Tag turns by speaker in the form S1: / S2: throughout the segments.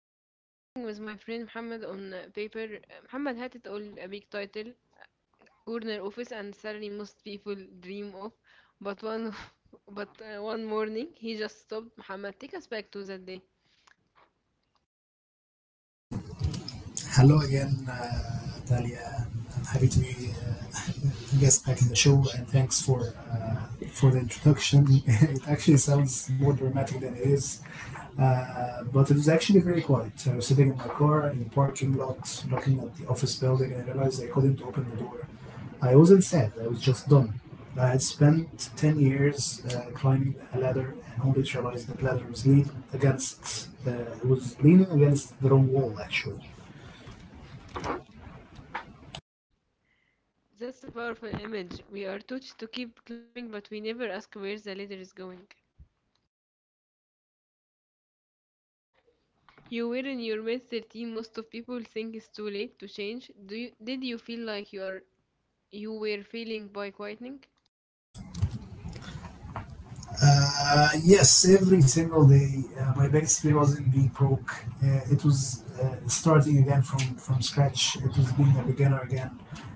S1: I'm sitting with my friend Muhammad on paper. Muhammad had it all, a big title, corner office, and salary most people dream of. But one, but one morning he just stopped. Muhammad, take us back to that day.
S2: Hello again, Talia. I'm happy to be a guest back in the show, and thanks for uh, for the introduction. It actually sounds more dramatic than it is, but it was actually very quiet. I was sitting in my car in the parking lot, looking at the office building, and I realized I couldn't open the door. I wasn't sad. I was just done. I had spent 10 years climbing a ladder, and only to realize the ladder was leaning against the wrong wall actually.
S1: That's a powerful image. We are taught to keep climbing, but we never ask where the ladder is going. You were in your mid 13. Most of people think it's too late to change. Did you feel like you were failing by quieting?
S2: Yes, every single day, my biggest fear wasn't being broke. It was starting again from scratch. It was being a beginner again.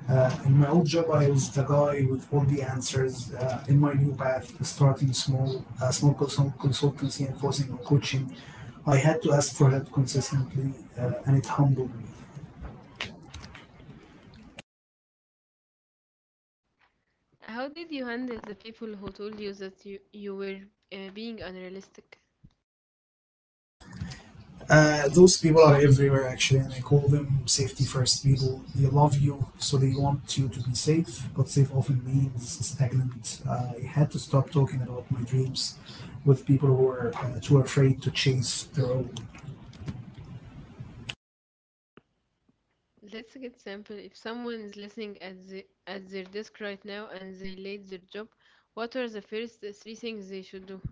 S2: In my old job, I was the guy with all the answers. In my new path, starting small, small consultancy and focusing on coaching, I had to ask for help consistently, and it humbled me.
S1: How did you handle the people who told you that you were being unrealistic?
S2: Those people are everywhere actually, and I call them safety first people. They love you, so they want you to be safe, but safe often means stagnant. I had to stop talking about my dreams with people who are too afraid to chase their own.
S1: Let's get simple. If someone is listening at their desk right now and they late their job, what are the first three things they should do?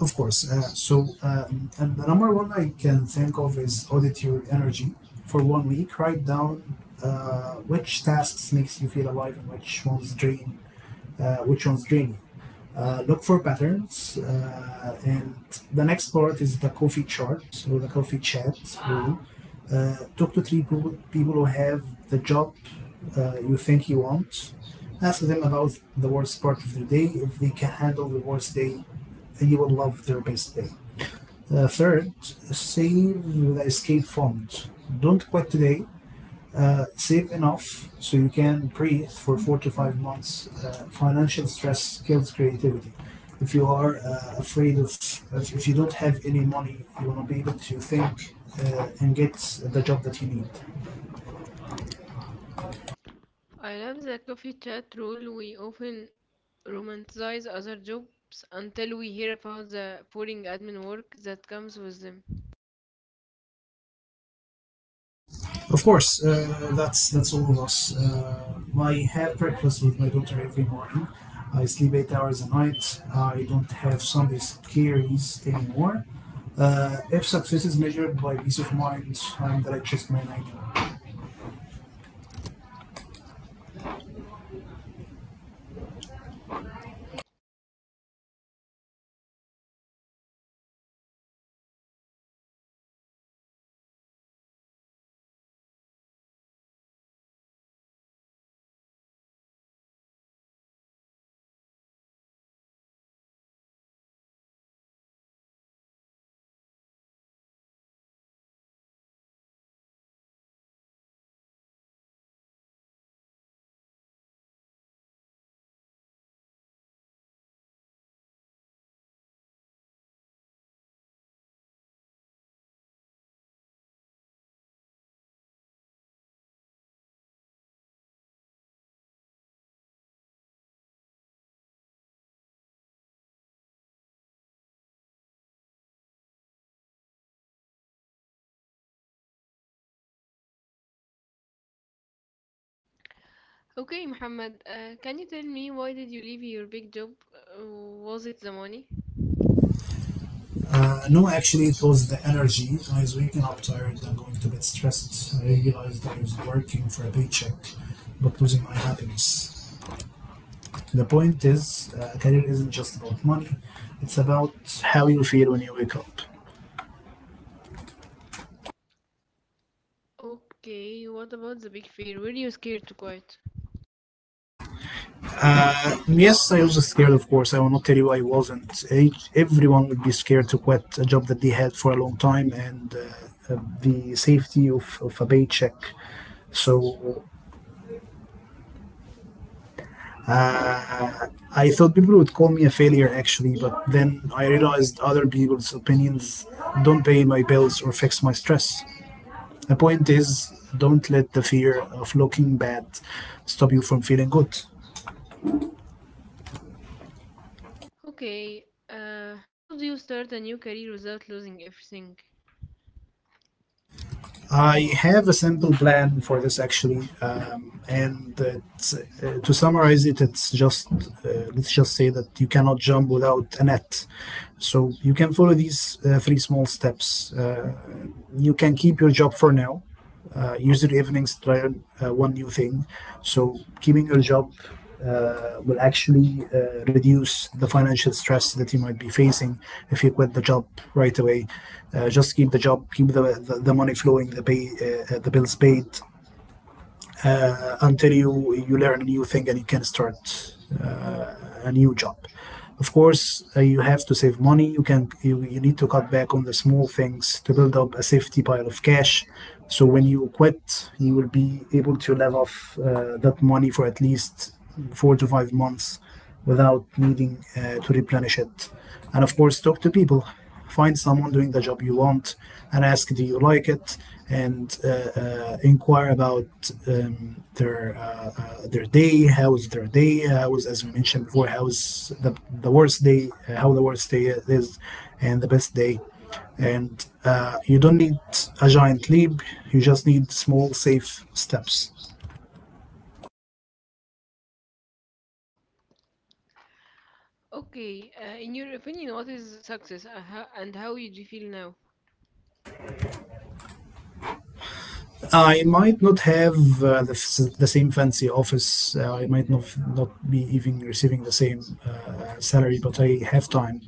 S2: Of course. And the number one I can think of is audit your energy for one week. Write down which tasks makes you feel alive and which ones drain which one's draining. Look for patterns, and the next part is the coffee chart or the coffee chat. Rule. Talk to three people, people who have the job you think you want. Ask them about the worst part of their day. If they can handle the worst day, you will love their best day. Third, save the escape fund. Don't quit today, save enough so you can breathe for 4 to 5 months. Financial stress kills creativity. If you are if you don't have any money, you will not be able to think and get the job that you need.
S1: I love the coffee chat rule. We often romanticize other jobs until we hear about the boring admin work that comes with them.
S2: Of course, that's all of us. I have breakfast with my daughter every morning. I sleep eight hours a night. I don't have Sunday scaries anymore. If success is measured by peace of mind, I'm the richest man I know.
S1: Okay, Muhammad, can you tell me why did you leave your big job? Was it the money?
S2: No, actually, it was the energy. I was waking up tired and going to bed stressed. I realized I was working for a paycheck, but losing my happiness. The point is, career isn't just about money. It's about how you feel when you wake up.
S1: Okay, what about the big fear? Were you scared to quit?
S2: Yes, I was scared, of course. I will not tell you I wasn't. Everyone would be scared to quit a job that they had for a long time and the safety of a paycheck. So I thought people would call me a failure actually, but then I realized other people's opinions don't pay my bills or fix my stress. The point is, don't let the fear of looking bad stop you from feeling good.
S1: Okay, how do you start a new career without losing everything?
S2: I have a simple plan for this actually, and to summarize it, it's just let's just say that you cannot jump without a net. So you can follow these three small steps. You can keep your job for now, use your evenings to try one new thing. So keeping your job will actually reduce the financial stress that you might be facing if you quit the job right away. Just keep the job, keep the money flowing, the pay, the bills paid, until you learn a new thing and you can start a new job. Of course, you have to save money. You need to cut back on the small things to build up a safety pile of cash. So when you quit, you will be able to live off that money for at least 4 to 5 months without needing to replenish it. And of course, talk to people. Find someone doing the job you want and ask, do you like it? And inquire about their day. How is their day? As we mentioned before, how is the worst day? How the worst day is, and the best day. And you don't need a giant leap. You just need small, safe steps.
S1: Okay, in your opinion, what is success, and how you do you feel now?
S2: I might not have the same fancy office. I might not be even receiving the same salary, but I have time,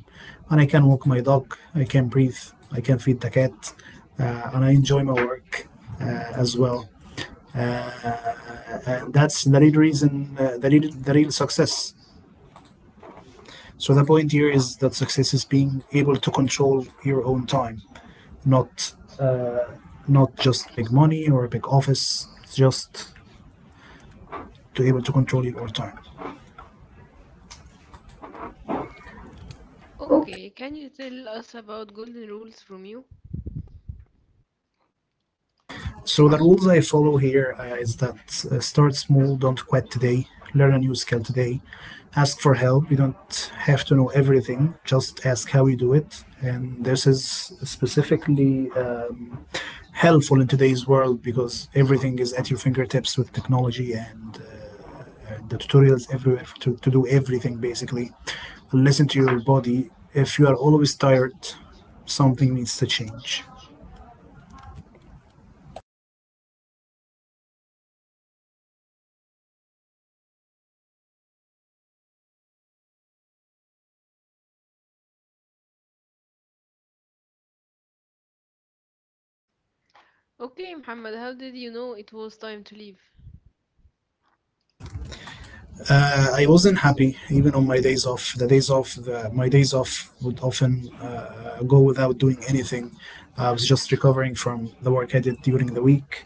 S2: and I can walk my dog. I can breathe. I can feed the cat, and I enjoy my work uh, as well. That's the real reason, the real success. So the point here is that success is being able to control your own time, not not just big money or a big office. It's just to able to control your own time.
S1: Okay, can you tell us about golden rules from you?
S2: So the rules I follow here is that start small, don't quit today, learn a new skill today, ask for help. You don't have to know everything; just ask how you do it. And this is specifically helpful in today's world because everything is at your fingertips with technology and the tutorials everywhere to do everything basically. Listen to your body. If you are always tired, something needs to change.
S1: Okay, Muhammad, how did you know it was time to leave?
S2: I wasn't happy even on my days off. The days off, my days off would often go without doing anything. I was just recovering from the work I did during the week.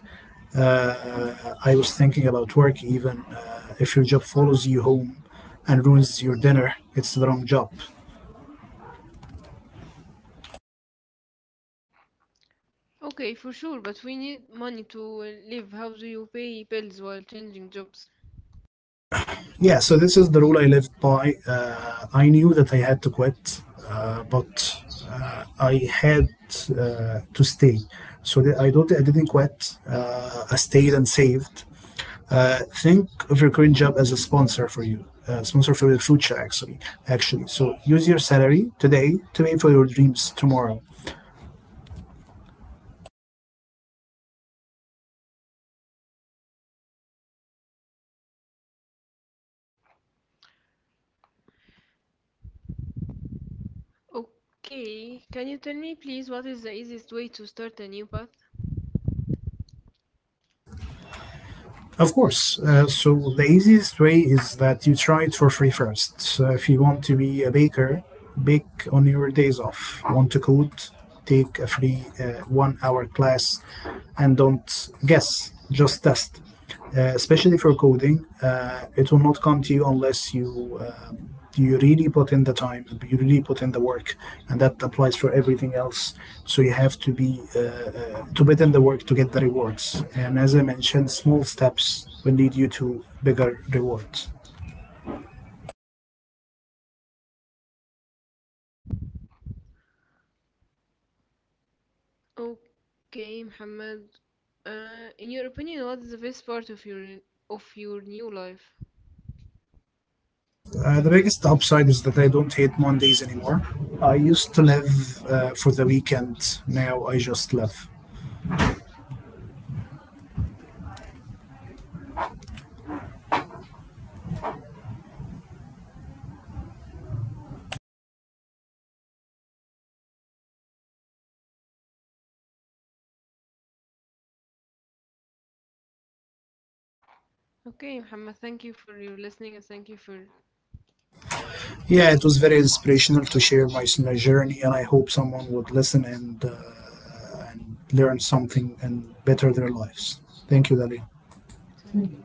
S2: I was thinking about work even. If your job follows you home and ruins your dinner, it's the wrong job.
S1: Okay, for sure, but we need money to live. How do you pay bills while changing jobs?
S2: Yeah, so this is the rule I lived by. I knew that I had to quit, but I had to stay. So that I didn't quit. I stayed and saved. Think of your current job as a sponsor for you, sponsor for your future, actually. Actually, so use your salary today to pay for your dreams tomorrow.
S1: Okay, can you tell me please what is the easiest way to start a new path?
S2: Of course. So the easiest way is that you try it for free first. So if you want to be a baker, bake on your days off. Want to code? Take a free one-hour class, and don't guess. Just test. Especially for coding, it will not come to you unless you do you really put in the time. Do you really put in the work, and that applies for everything else, so you have to be to put in the work to get the rewards, and as I mentioned, small steps will lead you to bigger rewards.
S1: Okay, Muhammad. In your opinion, what is the best part of your new life?
S2: The biggest upside is that I don't hate Mondays anymore. I used to live for the weekend. Now I just live.
S1: Okay, Muhammad. Thank you for your listening and thank you for.
S2: Yeah, it was very inspirational to share my journey, and I hope someone would listen and learn something and better their lives. Thank you, Dali.
S1: Thank you.